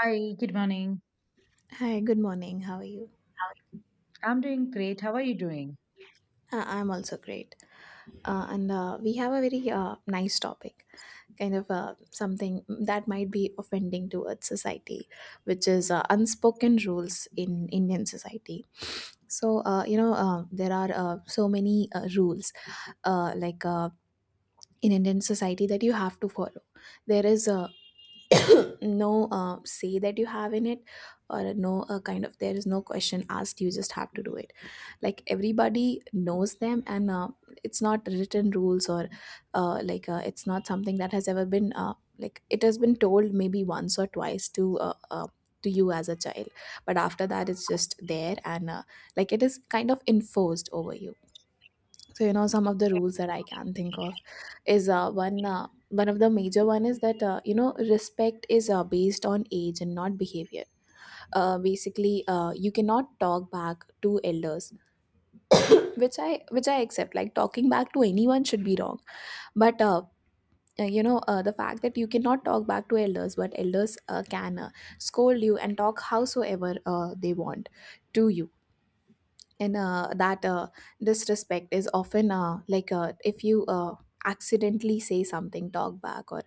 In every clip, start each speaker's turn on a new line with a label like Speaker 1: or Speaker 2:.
Speaker 1: Hi, good morning.
Speaker 2: Hi, good morning. How are you?
Speaker 1: I'm doing great. How are you doing?
Speaker 2: I'm also great. And we have a very nice topic, kind of something that might be offending towards society, which is unspoken rules in Indian society. There are so many rules, uh, like uh, in Indian society, that you have to follow. There is no say that you have in it, or no kind of, there is no question asked, you just have to do it, like everybody knows them. And it's not written rules, or it's not something that has ever been like it has been told maybe once or twice to you as a child, but after that it's just there. And like it is kind of enforced over you. So you know, some of the rules that I can think of is one of the major one is that you know, respect is based on age and not behavior. Basically you cannot talk back to elders, which I accept, like talking back to anyone should be wrong. But you know the fact that you cannot talk back to elders, but elders can scold you and talk howsoever they want to you. And that disrespect is often if you accidentally say something, talk back, or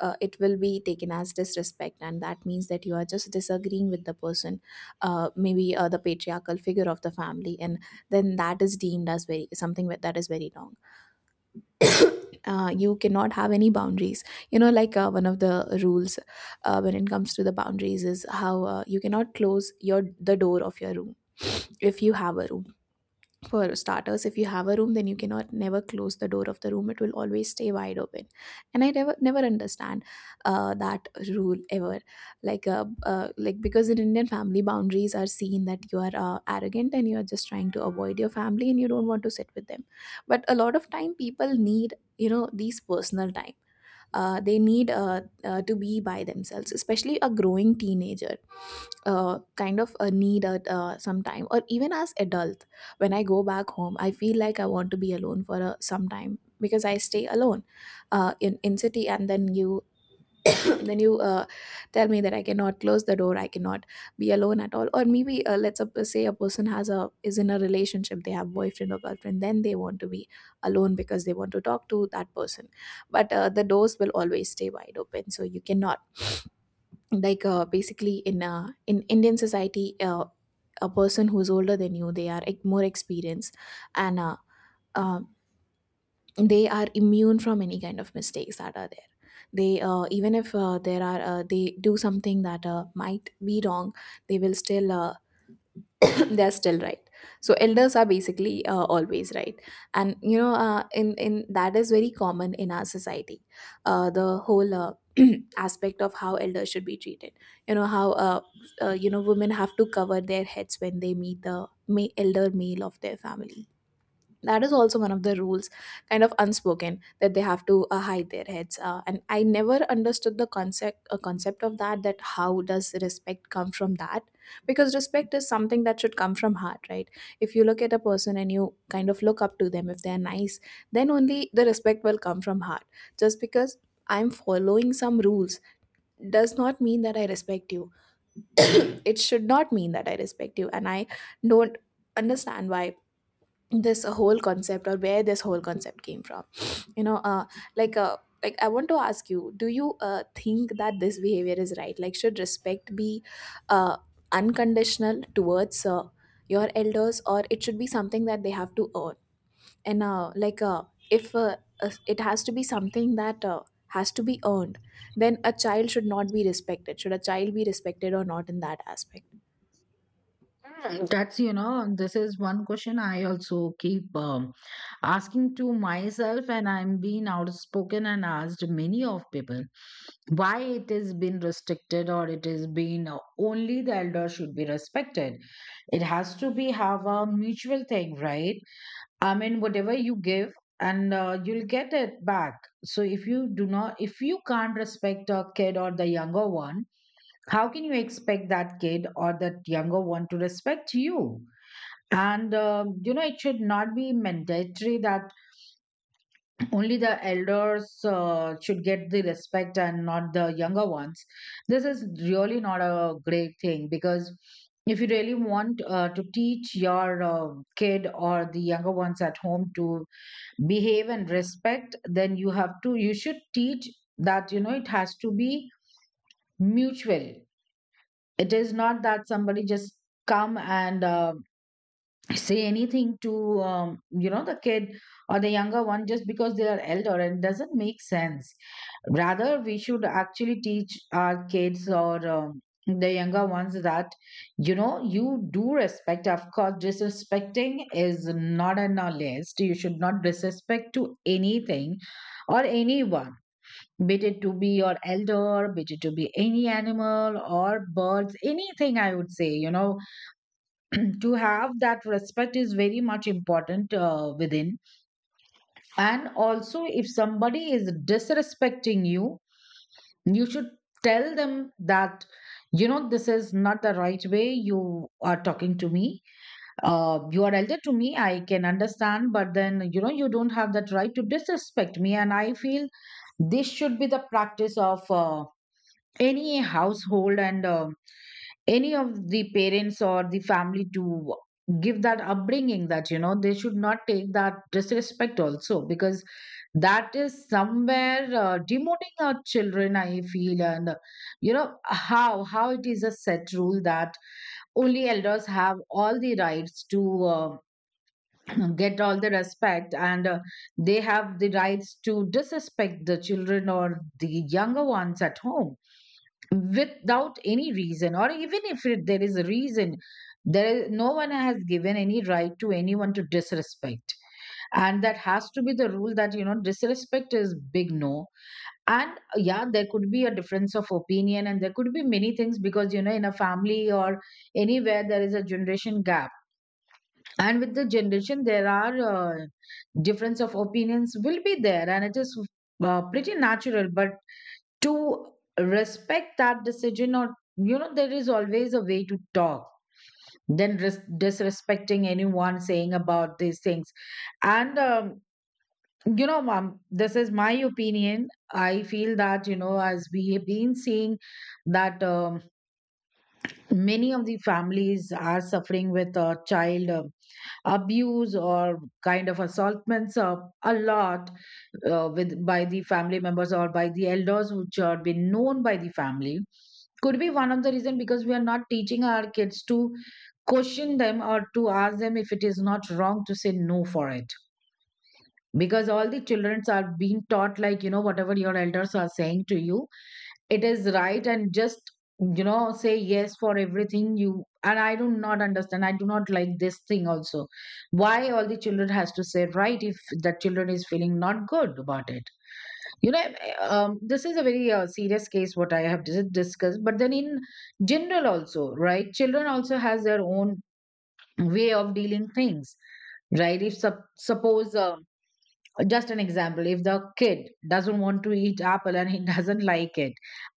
Speaker 2: it will be taken as disrespect, and that means that you are just disagreeing with the person, maybe the patriarchal figure of the family, and then that is deemed as very something that is very wrong. You cannot have any boundaries. You know, one of the rules when it comes to the boundaries is how you cannot close your, the door of your room, if you have a room. For starters, if you have a room, then you cannot never close the door of the room, it will always stay wide open. And I never understand that rule ever. Like uh, uh, like because in Indian family, boundaries are seen that you are arrogant and you are just trying to avoid your family and you don't want to sit with them. But a lot of time, people need, you know, these personal time. They need to be by themselves, especially a growing teenager, kind of a need at some time, or even as adult. When I go back home, I feel like I want to be alone for a, some time, because I stay alone in city. And then you then you tell me that I cannot close the door, I cannot be alone at all. Or maybe let's say a person has a, is in a relationship, they have boyfriend or girlfriend, then they want to be alone because they want to talk to that person, but the doors will always stay wide open, so you cannot. Basically in Indian society, a person who's older than you, they are like more experienced, and um they are immune from any kind of mistakes that are there. They even if there are they do something that might be wrong, they will still they're still right. So elders are basically always right. And you know, in that is very common in our society, the whole aspect of how elders should be treated. You know how women have to cover their heads when they meet the elder male of their family. That is also one of the rules, kind of unspoken, that they have to hide their heads, and I never understood the concept of that, that how does respect come from that? Because respect is something that should come from heart, right? If you look at a person and you kind of look up to them, if they're nice, then only the respect will come from heart. Just because I'm following some rules does not mean that I respect you. It should not mean that I respect you. And I don't understand why this whole concept, or where this whole concept came from. You know like uh, I want to ask you, do you think that this behavior is right? Like should respect be uh, unconditional towards your elders, or it should be something that they have to earn? And like if it has to be something that has to be earned, then a child should not be respected, should a child be respected or not in that aspect?
Speaker 1: That's, you know, this is one question I also keep asking to myself, and I'm being outspoken and asked many of people why it has been restricted or it has been only the elder should be respected. It has to be have a mutual thing, right? I mean, whatever you give and you'll get it back. So if you do not, if you can't respect a kid or the younger one, how can you expect that kid or that younger one to respect you? And you know, it should not be mandatory that only the elders should get the respect and not the younger ones. This is really not a great thing, because if you really want to teach your kid or the younger ones at home to behave and respect, then you have to you should teach that, you know, it has to be mutual. It is not that somebody just come and say anything to, you know, the kid or the younger one just because they are elder. And it doesn't make sense. Rather, we should actually teach our kids or, the younger ones, that you know, you do respect. Of course, disrespecting is not on our list. You should not disrespect to anything or anyone, be it to be your elder, be it to be any animal or birds, anything I would say, you know, to have that respect is very much important within. And also, if somebody is disrespecting you, you should tell them that, you know, this is not the right way you are talking to me. You are elder to me, I can understand, but then, you know, you don't have that right to disrespect me. And I feel this should be the practice of. Any household and um, any of the parents or the family to give that upbringing that you know they should not take that disrespect also, because that is somewhere demoting our children, I feel. And you know how it is a set rule that only elders have all the rights to get all the respect, and they have the rights to disrespect the children or the younger ones at home without any reason, or even if there is a reason, no one has given any right to anyone to disrespect. And that has to be the rule that you know disrespect is big no. And yeah, there could be a difference of opinion, and there could be many things, because you know in a family or anywhere there is a generation gap. And with the generation, there are difference of opinions will be there, and it is pretty natural, but to respect that decision, or you know there is always a way to talk than disrespecting anyone saying about these things. And you know, mom, this is my opinion. I feel that, you know, as we have been seeing that, many of the families are suffering with a child abuse or kind of assaultments a lot, with by the family members or by the elders which are been known by the family, could be one of the reason, because we are not teaching our kids to question them or to ask them if it is not wrong to say no for it. Because all the children are being taught like you know whatever your elders are saying to you it is right and just, you know, say yes for everything. You and I do not understand, I do not like this thing also. Why all the children has to say right if the children is feeling not good about it, you know. This is a very serious case what I have discussed, but then in general also, right, children also has their own way of dealing things, right? If suppose, just an example, if the kid doesn't want to eat apple and he doesn't like it,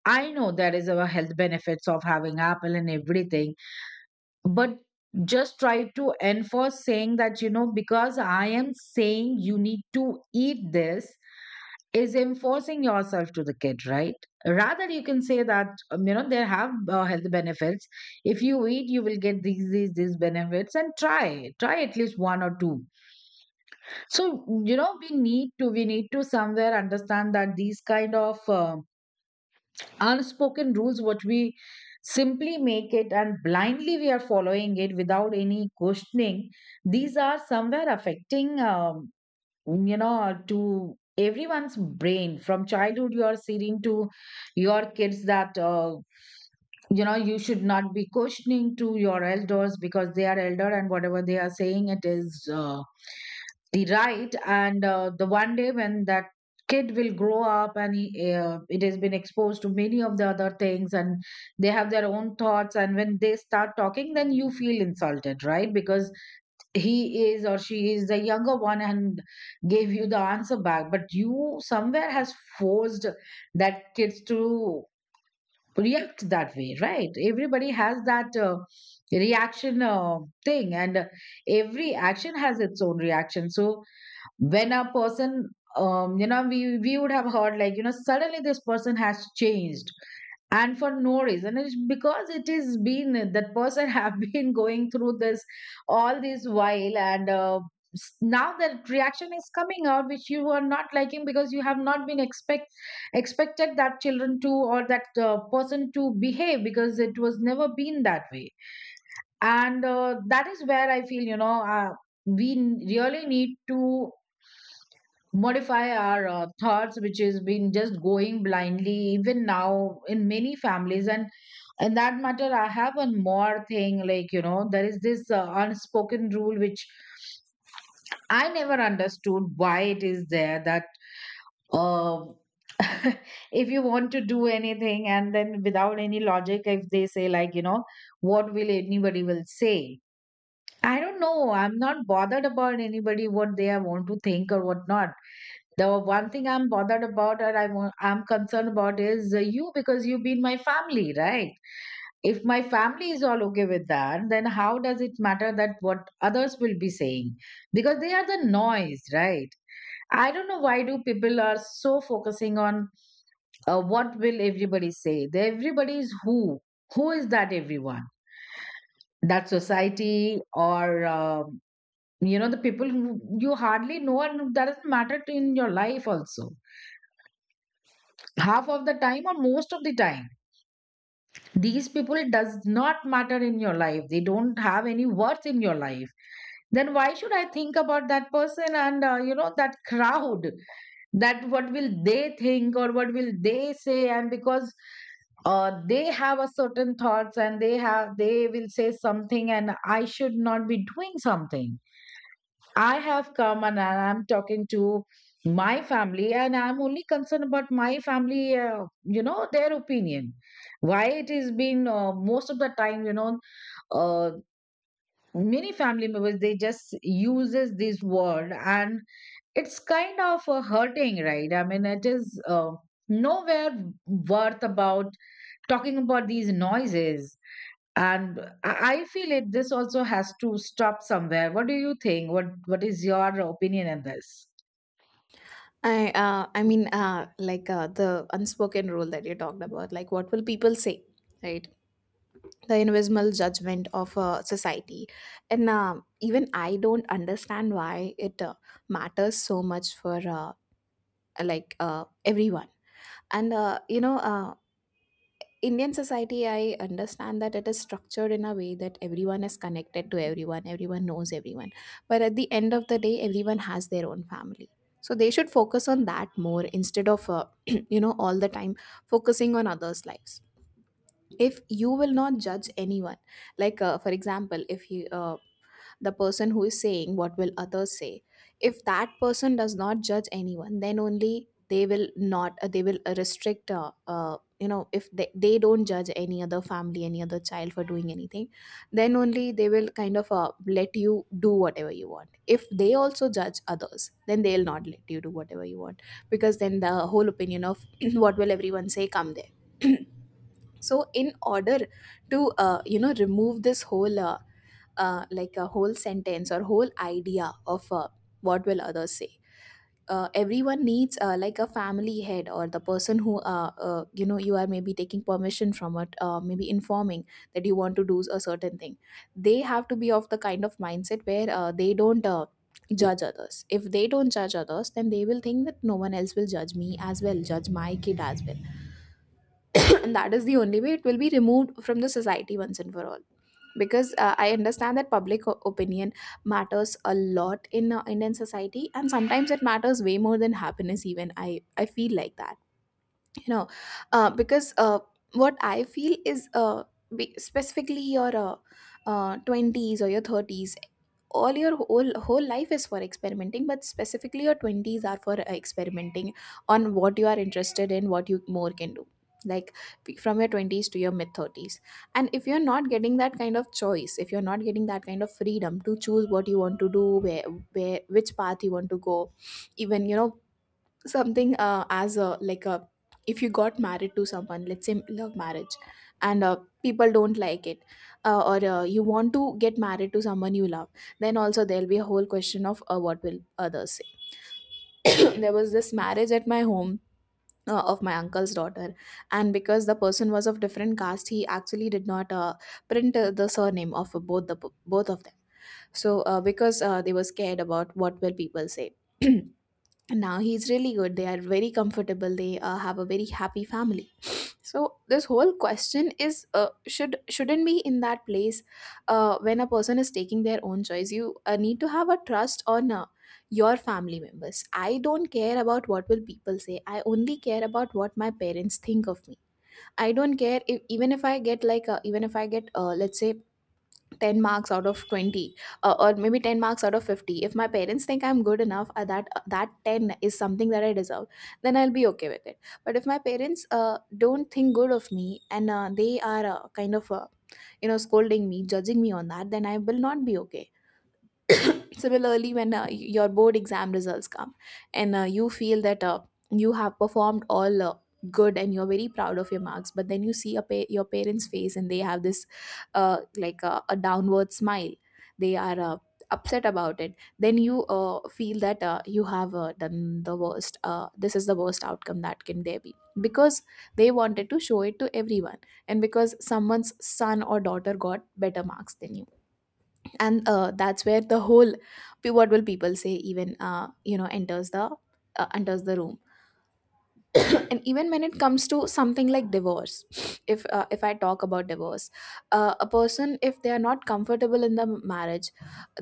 Speaker 1: I know there is a health benefits of having apple and everything, but just try to enforce saying that you know because I am saying you need to eat this is enforcing yourself to the kid, right? Rather, you can say that, you know, there have health benefits, if you eat you will get these benefits, and try try at least one or two. So, you know, we need to somewhere understand that these kind of unspoken rules, what we simply make it and blindly we are following it without any questioning, these are somewhere affecting, you know, to everyone's brain. From childhood, you are saying to your kids that, you know, you should not be questioning to your elders because they are elder and whatever they are saying, it is. The right. And the one day when that kid will grow up and he, it has been exposed to many of the other things, and they have their own thoughts, and when they start talking then you feel insulted, right? Because he is or she is the younger one and gave you the answer back, but you somewhere has forced that kids to react that way, right? Everybody has that reaction thing, and every action has its own reaction. So when a person, you know, we would have heard like you know suddenly this person has changed and for no reason, it's because it is been that person have been going through this all this while. And now that reaction is coming out which you are not liking, because you have not been expected that children to or that person to behave, because it was never been that way. And that is where I feel, you know, we really need to modify our thoughts, which has been just going blindly even now in many families. And in that matter, I have one more thing, like you know there is this unspoken rule which I never understood why it is there, that uh, if you want to do anything and then without any logic if they say like you know what will anybody will say. I don't know, I'm not bothered about anybody what they are want to think or what not. The one thing I'm bothered about or I'm concerned about is you, because you've been my family, right? If my family is all okay with that, then how does it matter that what others will be saying? Because they are the noise, right? I don't know why do people are so focusing on what will everybody say. The everybody is who? Who is that everyone? That society or, you know, the people who you hardly know and that doesn't matter to in your life also. Half of the time or most of the time, these people, it does not matter in your life, they don't have any worth in your life. Then why should I think about that person and, you know, that crowd, that what will they think or what will they say? And because they have a certain thoughts and they have they will say something and I should not be doing something. I have come and am talking to my family, and I'm only concerned about my family, you know, their opinion. Why it has been, most of the time, you know, uh, many family members they just uses this word, and it's kind of hurting, right? I mean, it is nowhere worth about talking about these noises. And I feel it this also has to stop somewhere. What do you think, what is your opinion on this?
Speaker 2: The unspoken rule that you talked about, like what will people say, right? The invisible judgment of society, and even I don't understand why it matters so much for everyone. And Indian society, I understand that it is structured in a way that everyone is connected to everyone, everyone knows everyone. But at the end of the day, everyone has their own family. So they should focus on that more instead of, you know, all the time focusing on others' lives. If you will not judge anyone, for example, if you, the person who is saying what will others say, if that person does not judge anyone, then only they will not, they will restrict, you know, if they don't judge any other family, any other child for doing anything, then only they will kind of let you do whatever you want. If they also judge others, then they'll not let you do whatever you want, because then the whole opinion of what will everyone say come there. So in order to you know, remove this whole a whole sentence or whole idea of what will others say, everyone needs, like a family head or the person who you know, you are maybe taking permission from, it maybe informing that you want to do a certain thing, they have to be of the kind of mindset where they don't judge others. If they don't judge others, then they will think that no one else will judge me as well, judge my kid as well. And that is the only way it will be removed from the society, once and for all. Because I understand that public opinion matters a lot in Indian society, and sometimes it matters way more than happiness, even I feel like that. You know, because what I feel is, specifically your 20s or your 30s, all your whole life is for experimenting, but specifically your 20s are for experimenting on what you are interested in, what you more can do. Like from your 20s to your mid 30s. And if you're not getting that kind of choice, if you're not getting that kind of freedom to choose what you want to do, where which path you want to go. Even you know, something uh, as a like a, if you got married to someone, let's say love marriage, and people don't like it. Or you want to get married to someone you love, then also there'll be a whole question of what will others say. There was this marriage at my home, of my uncle's daughter, and because the person was of different caste, he actually did not print the surname of both of them. So because they were scared about what will people say. And now he's really good, they are very comfortable, they have a very happy family. So this whole question is shouldn't be in that place. When a person is taking their own choice, you need to have a trust on your family members. I don't care about what will people say, I only care about what my parents think of me. I don't care if, even if I get like, even if I get, let's say 10 marks out of 20, or maybe 10 marks out of 50, if my parents think I'm good enough, that 10 is something that I deserve, then I'll be okay with it. But if my parents don't think good of me, and they are Kind of scolding me, judging me on that, then I will not be okay. Similarly, when your board exam results come and you feel that you have performed all good and you're very proud of your marks, but then you see your parents face and they have this a downward smile, they are upset about it, then you feel that you have done the worst. This is the worst outcome that can there be, because they wanted to show it to everyone and because someone's son or daughter got better marks than you. And that's where the whole what will people say even you know enters the room. And even when it comes to something like divorce, if I talk about divorce, a person, if they are not comfortable in the marriage,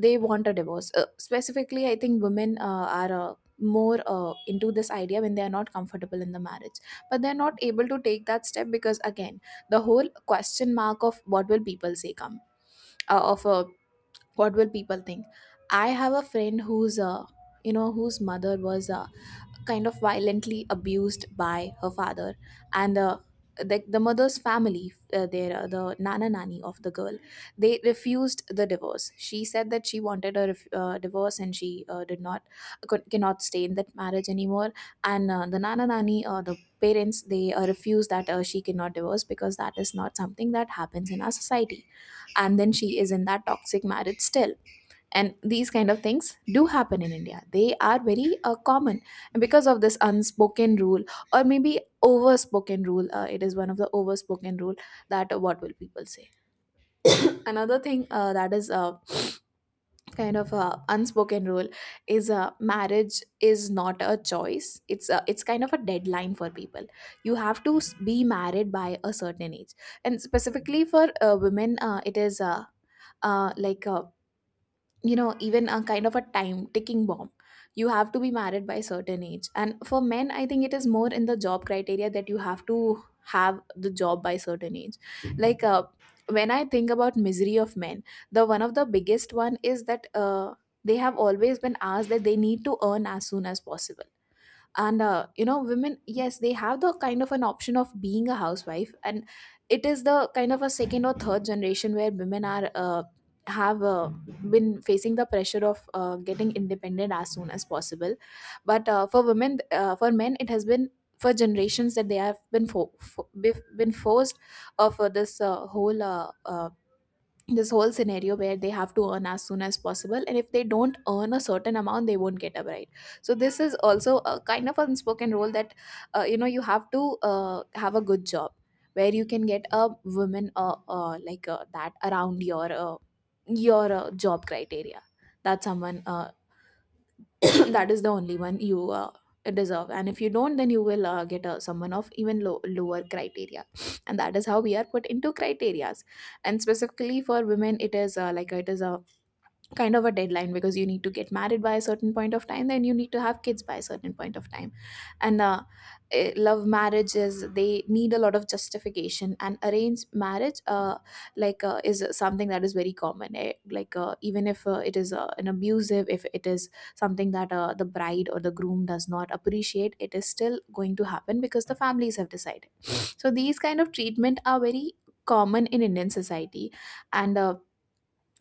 Speaker 2: they want a divorce. Specifically, I think women are more into this idea when they are not comfortable in the marriage, but they're not able to take that step because again the whole question mark of what will people say come, of a what will people think. I have a friend who's you know whose mother was kind of violently abused by her father, and the mother's family, the nana nani of the girl, they refused the divorce. She said that she wanted a divorce and she did not, cannot stay in that marriage anymore. And the nana nani, the parents, they refuse that. She cannot divorce because that is not something that happens in our society. And then she is in that toxic marriage still, and these kind of things do happen in India. They are very common. And because of this unspoken rule, or maybe overspoken rule, it is one of the overspoken rule that what will people say. Another thing that is kind of unspoken rule is marriage is not a choice. It's kind of a deadline for people. You have to be married by a certain age. And specifically for women, it is like you know, even a kind of a time ticking bomb, you have to be married by a certain age. And for men, I think it is more in the job criteria that you have to have the job by certain age. like uh, when I think about misery of men, the one of the biggest one is that they have always been asked that they need to earn as soon as possible. And women, yes, they have the kind of an option of being a housewife, and it is the kind of a second or third generation where women are have been facing the pressure of getting independent as soon as possible. But for men, it has been for generations that they have been been forced for this whole scenario where they have to earn as soon as possible, and if they don't earn a certain amount, they won't get a bride. So this is also a kind of unspoken rule, that you have to have a good job where you can get a woman that around your job criteria, that someone that is the only one you deserve. And if you don't, then you will get someone of even lower criteria. And that is how we are put into criterias. And specifically for women, it is like it is a kind of a deadline, because you need to get married by a certain point of time, then you need to have kids by a certain point of time. and uh, love marriages, they need a lot of justification, and arranged marriage is something that is very common, eh? Even if it is an abusive, if it is something that the bride or the groom does not appreciate, it is still going to happen because the families have decided. So these kind of treatment are very common in Indian society. And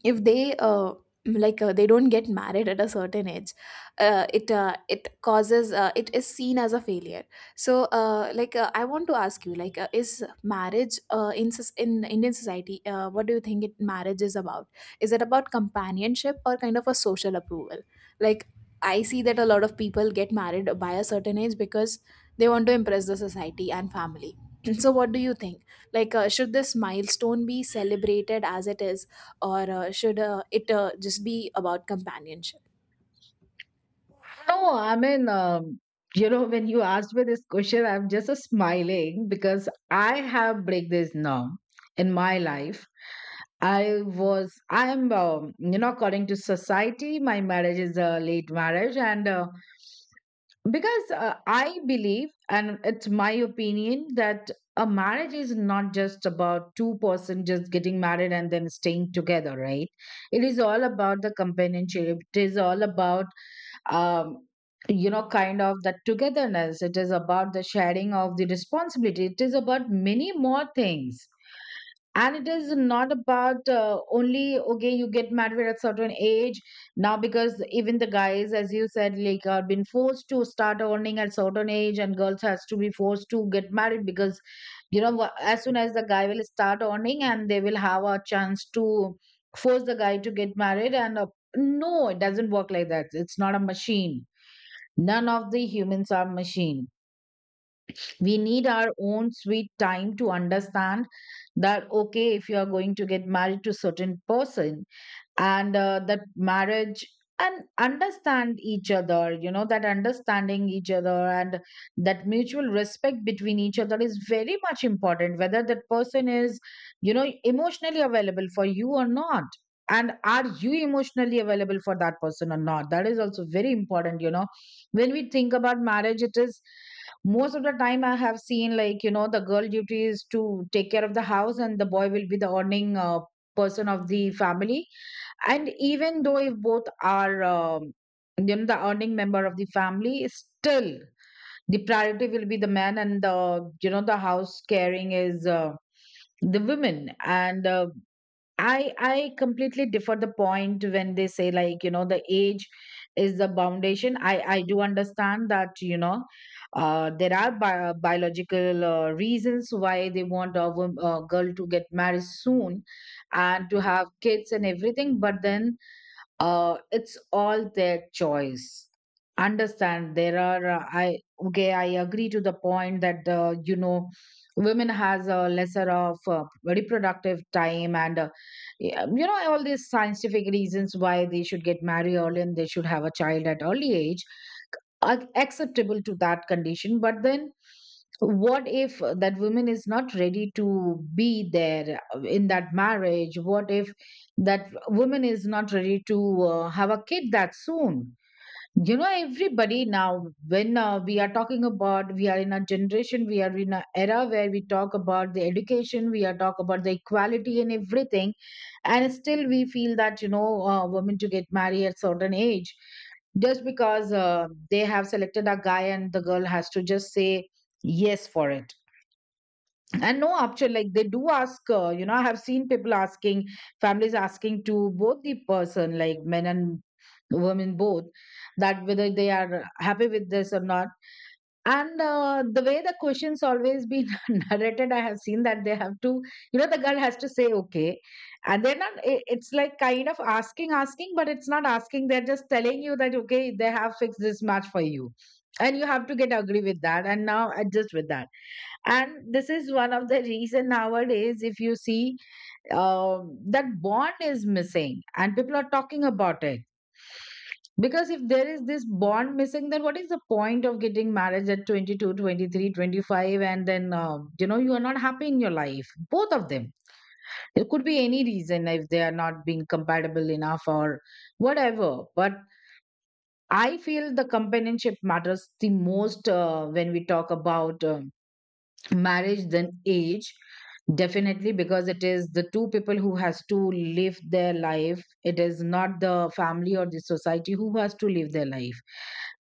Speaker 2: if they they don't get married at a certain age, it causes, it is seen as a failure. So I want to ask you, is marriage in Indian society, what do you think marriage is about? Is it about companionship or kind of a social approval? Like, I see that a lot of people get married by a certain age because they want to impress the society and family. So what do you think? Should this milestone be celebrated as it is, or should it just be about companionship?
Speaker 1: No, I mean, you know, when you asked me this question, I'm just smiling, because I have break this norm in my life. I was, I'm, you know, according to society, my marriage is a late marriage. And because I believe, and it's my opinion, that a marriage is not just about two-person just getting married and then staying together, right? It is all about the companionship. It is all about, um, you know, kind of that togetherness. It is about the sharing of the responsibility. It is about many more things, and it is not about only okay you get married at a certain age now, because even the guys, as you said, like are been forced to start earning at certain age and girls has to be forced to get married because as soon as the guy will start earning and they will have a chance to force the guy to get married. And no, it doesn't work like that. It's not a machine. None of the humans are machine. We need our own sweet time to understand that okay, if you are going to get married to certain person and that marriage, and understand each other. You know, that understanding each other and that mutual respect between each other is very much important, whether that person is, you know, emotionally available for you or not, and are you emotionally available for that person or not. That is also very important, you know. When we think about marriage, it is most of the time, I have seen, like, you know, the girl duty is to take care of the house and the boy will be the earning person of the family. And even though if both are you know, the earning member of the family, still the priority will be the man, and the, you know, the house caring is the women. And I completely differ the point when they say, like, you know, the age is the foundation. I do understand that, you know, there are biological reasons why they want a girl to get married soon and to have kids and everything, but then it's all their choice. Understand there are, I, okay, I agree to the point that you know, women has a lesser of reproductive time, and yeah, you know, all these scientific reasons why they should get married early and they should have a child at early age. Acceptable to that condition, but then what if that woman is not ready to be there in that marriage? What if that woman is not ready to have a kid that soon? You know, everybody now, when we are talking about, we are in a generation, we are in an era where we talk about the education, we are talk about the equality and everything, and still we feel that, you know, women to get married at certain age, just because they have selected a guy and the girl has to just say yes for it. And no option. Like, they do ask, you know, I have seen people asking, families asking, to both the person, like, men and women both, that whether they are happy with this or not. And the way the questions always been narrated, I have seen that they have to, you know, the girl has to say okay. And they're not, it's like kind of asking asking, but it's not asking. They're just telling you that okay, they have fixed this match for you and you have to get agree with that and now adjust with that. And this is one of the reason nowadays, if you see, that bond is missing and people are talking about it. Because if there is this bond missing, then what is the point of getting married at 22, 23, 25, and then you know, you are not happy in your life, both of them. There could be any reason, if they are not being compatible enough or whatever. But I feel the companionship matters the most when we talk about marriage than age. Definitely, because it is the two people who has to live their life. It is not the family or the society who has to live their life.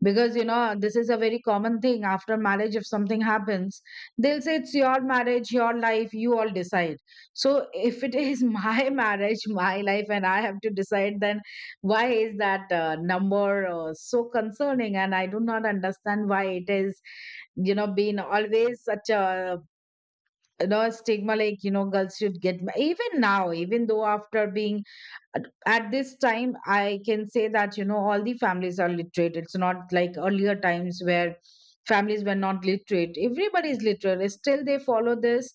Speaker 1: Because you know, this is a very common thing, after marriage if something happens, they'll say it's your marriage, your life, you all decide. So if it is my marriage, my life, and I have to decide, then why is that number so concerning? And I do not understand why it is, you know, been always such a, you know, stigma, like, you know, girls should get even now, even though, after being at this time, I can say that, you know, all the families are literate. It's not like earlier times where families were not literate. Everybody is literate, still they follow this.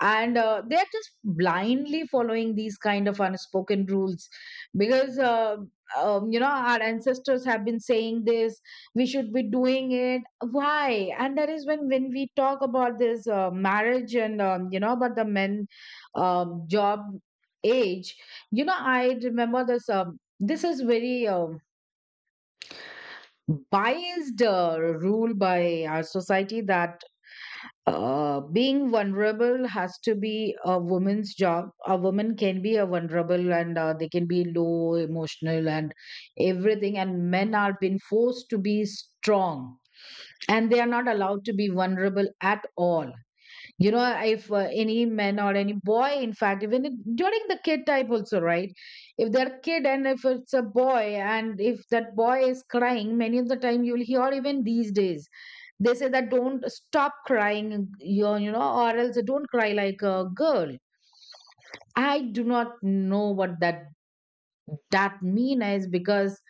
Speaker 1: And they are just blindly following these kind of unspoken rules. Because you know, our ancestors have been saying this, we should be doing it. Why? And that is when we talk about this marriage and you know, about the men, job, age, you know, I remember this. This is very biased rule by our society that being vulnerable has to be a woman's job. A woman can be a vulnerable, and they can be low, emotional, and everything. And men are being forced to be strong and they are not allowed to be vulnerable at all. You know, if any man or any boy, in fact, even if, during the kid type also, right, if they're kid and if it's a boy and if that boy is crying, many of the time you'll hear, even these days, they say that don't stop crying, you know, or else don't cry like a girl. I do not know what that mean is. Because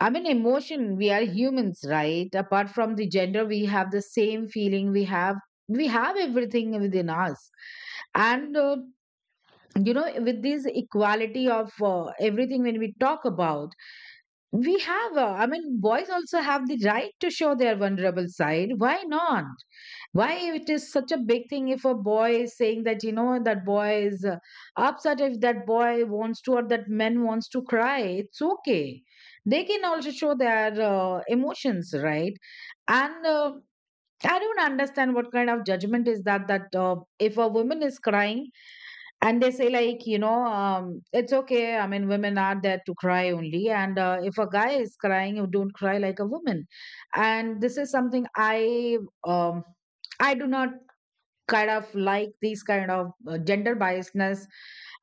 Speaker 1: I mean emotion, we are humans, right? Apart from the gender, we have the same feeling. We have everything within us. And you know, with this equality of everything, when we talk about, we have, I mean, boys also have the right to show their vulnerable side, why not? Why it is such a big thing if a boy is saying that, you know, that boy is upset, if that boy wants to or that man wants to cry, it's okay. They can also show their emotions, right? And I don't understand what kind of judgment is that, that if a woman is crying, and they say, like, you know, it's okay, I mean women are there to cry only, and if a guy is crying, you don't cry like a woman. And this is something I, um, I do not kind of like these kind of gender biasness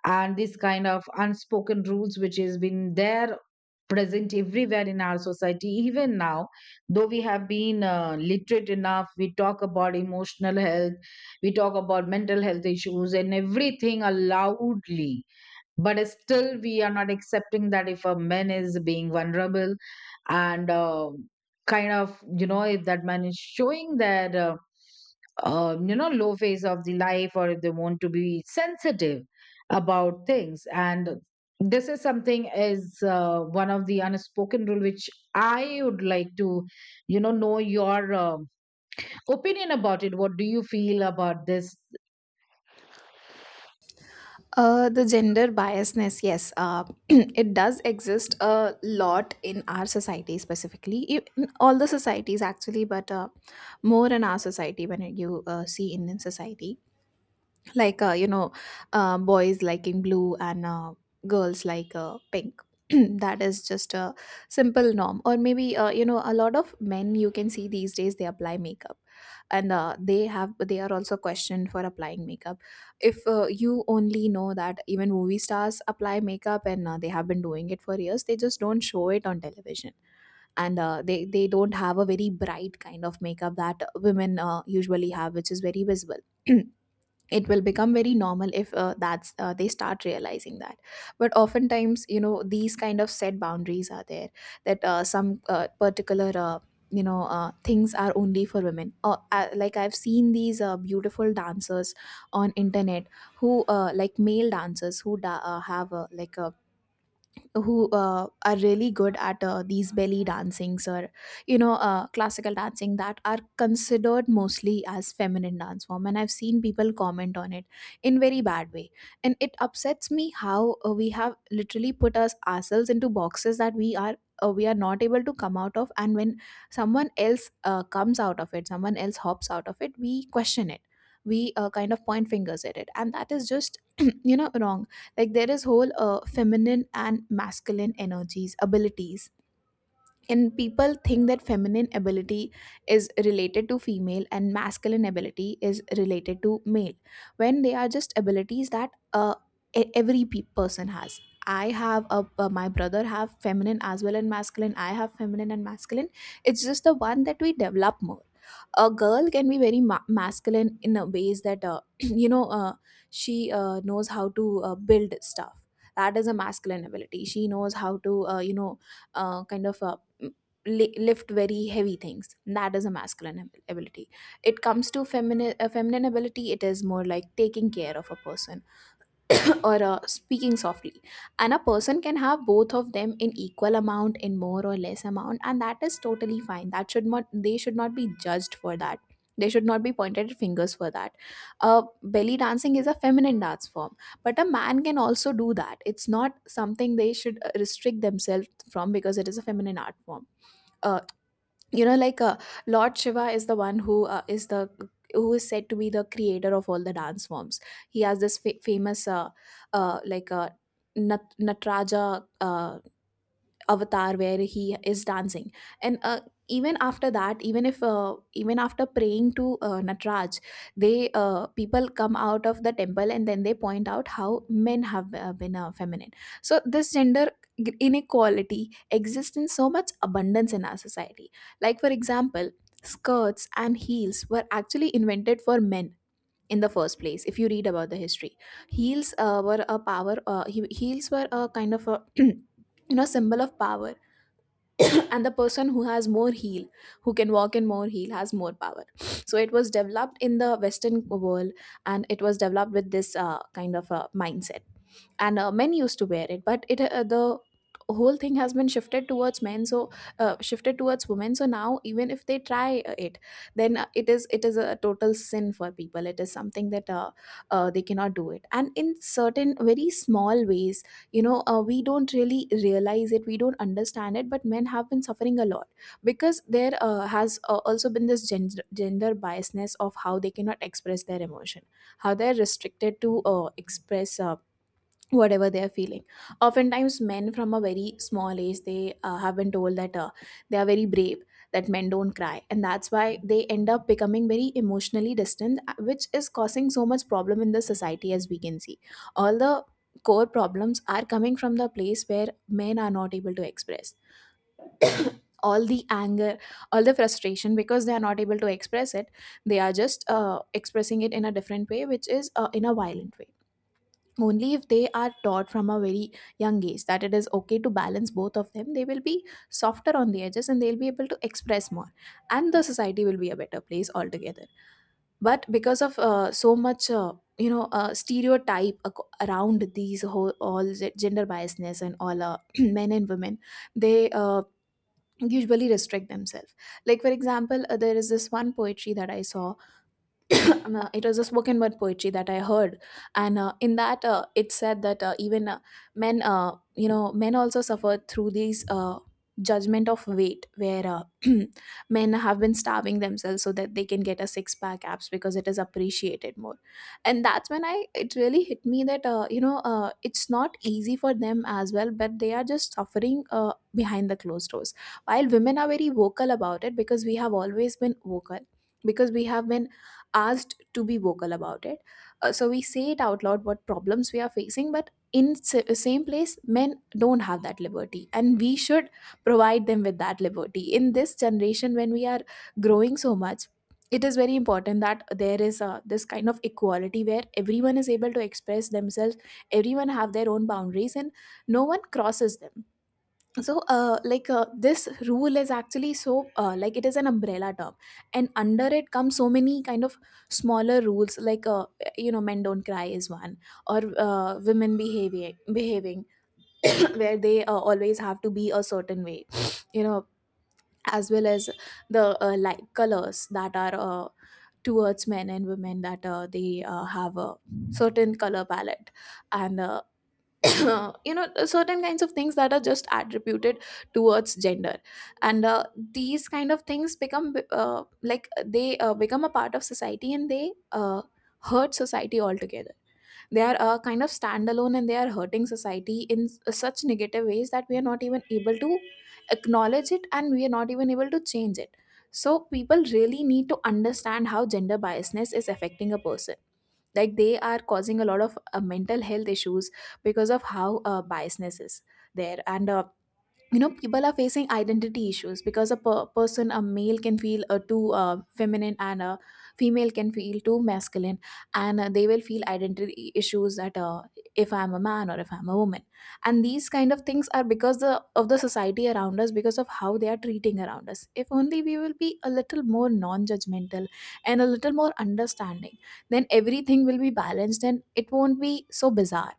Speaker 1: and this kind of unspoken rules which has been there, present everywhere in our society, even now, though we have been literate enough, we talk about emotional health, we talk about mental health issues and everything loudly. But still we are not accepting that if a man is being vulnerable and kind of, you know, if that man is showing their you know, low phase of the life, or if they want to be sensitive about things. And this is something is one of the unspoken rule which I would like to, you know your opinion about it. What do you feel about this?
Speaker 2: The gender biasness, yes, it does exist a lot in our society, specifically, in all the societies actually, but more in our society, when you see Indian society. like uh, you know Boys liking blue and girls like pink, that is just a simple norm. Or maybe a lot of men, you can see these days they apply makeup, and they are also questioned for applying makeup. If you only know that even movie stars apply makeup, and they have been doing it for years, they just don't show it on television. And they don't have a very bright kind of makeup that women usually have, which is very visible. It will become very normal if that's they start realizing that. But oftentimes, you know, these kind of set boundaries are there, that some particular you know things are only for women. I've seen these beautiful dancers on internet who like male dancers who da- have like a who are really good at these belly dancings or classical dancing, that are considered mostly as feminine dance form, and I've seen people comment on it in very bad way. And it upsets me how we have literally put us ourselves into boxes that we are not able to come out of. And when someone else comes out of it, someone else hops out of it, we question it, we kind of point fingers at it, and that is just you know wrong. Like, there is whole feminine and masculine energies, abilities, and people think that feminine ability is related to female and masculine ability is related to male, when they are just abilities that person has. I have my brother have feminine as well and masculine, I have feminine and masculine. It's just the one that we develop more. A girl can be very masculine in a ways that you know she knows how to build stuff, that is a masculine ability. She knows how to uh, kind of uh, lift very heavy things, that is a masculine ability. It comes to feminine, a feminine ability, it is more like taking care of a person, or speaking softly. And a person can have both of them in equal amount, in more or less amount, and that is totally fine. That should not, they should not be judged for that, they should not be pointed fingers for that. uh, Belly dancing is a feminine dance form, but a man can also do that. It's not something they should restrict themselves from because it is a feminine art form. you know like uh, Lord Shiva is the one who is the who is said to be the creator of all the dance forms. He has this famous uh, like uh, Natraja avatar where he is dancing. And even after that, even if even after praying to Natraj, they people come out of the temple and then they point out how men have been feminine. So this gender inequality exists in so much abundance in our society. Like, for example, skirts and heels were actually invented for men in the first place. If you read about the history, heels were a power he- heels were a kind of a you know symbol of power, and the Person who has more heel, who can walk in more heel has more power. So it was developed in the western world, and it was developed with this kind of a mindset. And men used to wear it, but it the whole thing has been shifted towards men, so shifted towards women. So now even if they try it, then it is a total sin for people. It is something that they cannot do, it and in certain very small ways, we don't really realize it, we don't understand it, but men have been suffering a lot because there has also been this gender biasness of how they cannot express their emotion, how they're restricted to express whatever they are feeling. Oftentimes men from a very small age, they have been told that they are very brave, that men don't cry, and that's why they end up becoming very emotionally distant, which is causing so much problem in the society, as we can see. All the core problems are coming from the place where men are not able to express all the anger, all the frustration, because they are not able to express it. They are just expressing it in a different way, which is in a violent way. Only if they are taught from a very young age that it is okay to balance both of them, they will be softer on the edges, and they'll be able to express more, and the society will be a better place altogether. But because of so much stereotype around these whole all gender biasness and all, men and women they usually restrict themselves. Like for example, there is this one poetry that I saw. It was a spoken word poetry that I heard, and in that it said that even men, you know, men also suffer through these judgment of weight, where men have been starving themselves so that they can get a six pack abs because it is appreciated more. And that's when I it really hit me that it's not easy for them as well, but they are just suffering behind the closed doors, while women are very vocal about it because we have always been vocal, because we have been asked to be vocal about it. So we say it out loud what problems we are facing, but in same place men don't have that liberty, and we should provide them with that liberty. In this generation, when we are growing so much, it is very important that there is this kind of equality, where everyone is able to express themselves, everyone have their own boundaries, and no one crosses them. So this rule is actually so, it is an umbrella term, and under it come so many kind of smaller rules, like men don't cry is one, or women behaving where they always have to be a certain way. You know, as well as the like colors that are towards men and women, that they have a certain color palette. And uh, you know certain kinds of things that are just attributed towards gender. And these kind of things become like they become a part of society, and they hurt society altogether. They are kind of standalone, and they are hurting society in such negative ways that we are not even able to acknowledge it, and we are not even able to change it. So people really need to understand how gender biasness is affecting a person. Like, they are causing a lot of mental health issues because of how biasness is there. And you know people are facing identity issues, because a person, a male can feel too feminine, and a female can feel too masculine, and they will feel identity issues that if I'm a man or if I'm a woman. And these kind of things are because of the society around us, because of how they are treating around us. If only we will be a little more non-judgmental and a little more understanding, then everything will be balanced and it won't be so bizarre.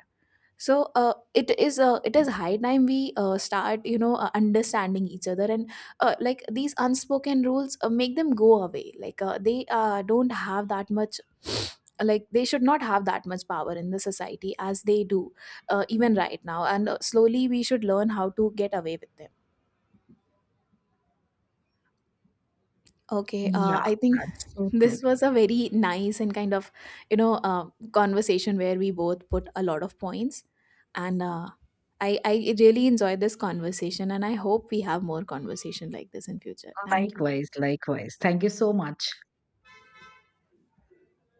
Speaker 2: So it is high time we start understanding each other, and these unspoken rules, make them go away. Like they don't have that much like they should not have that much power in the society as they do even right now. And slowly we should learn how to get away with them. Okay,
Speaker 1: Yeah,
Speaker 2: I think
Speaker 1: that's so true.
Speaker 2: this was a very nice and you know, uh, conversation where we both put a lot of points, and I really enjoyed this conversation, and I hope we have more conversation like this in future. Thank you.
Speaker 1: Likewise, likewise, thank you so much.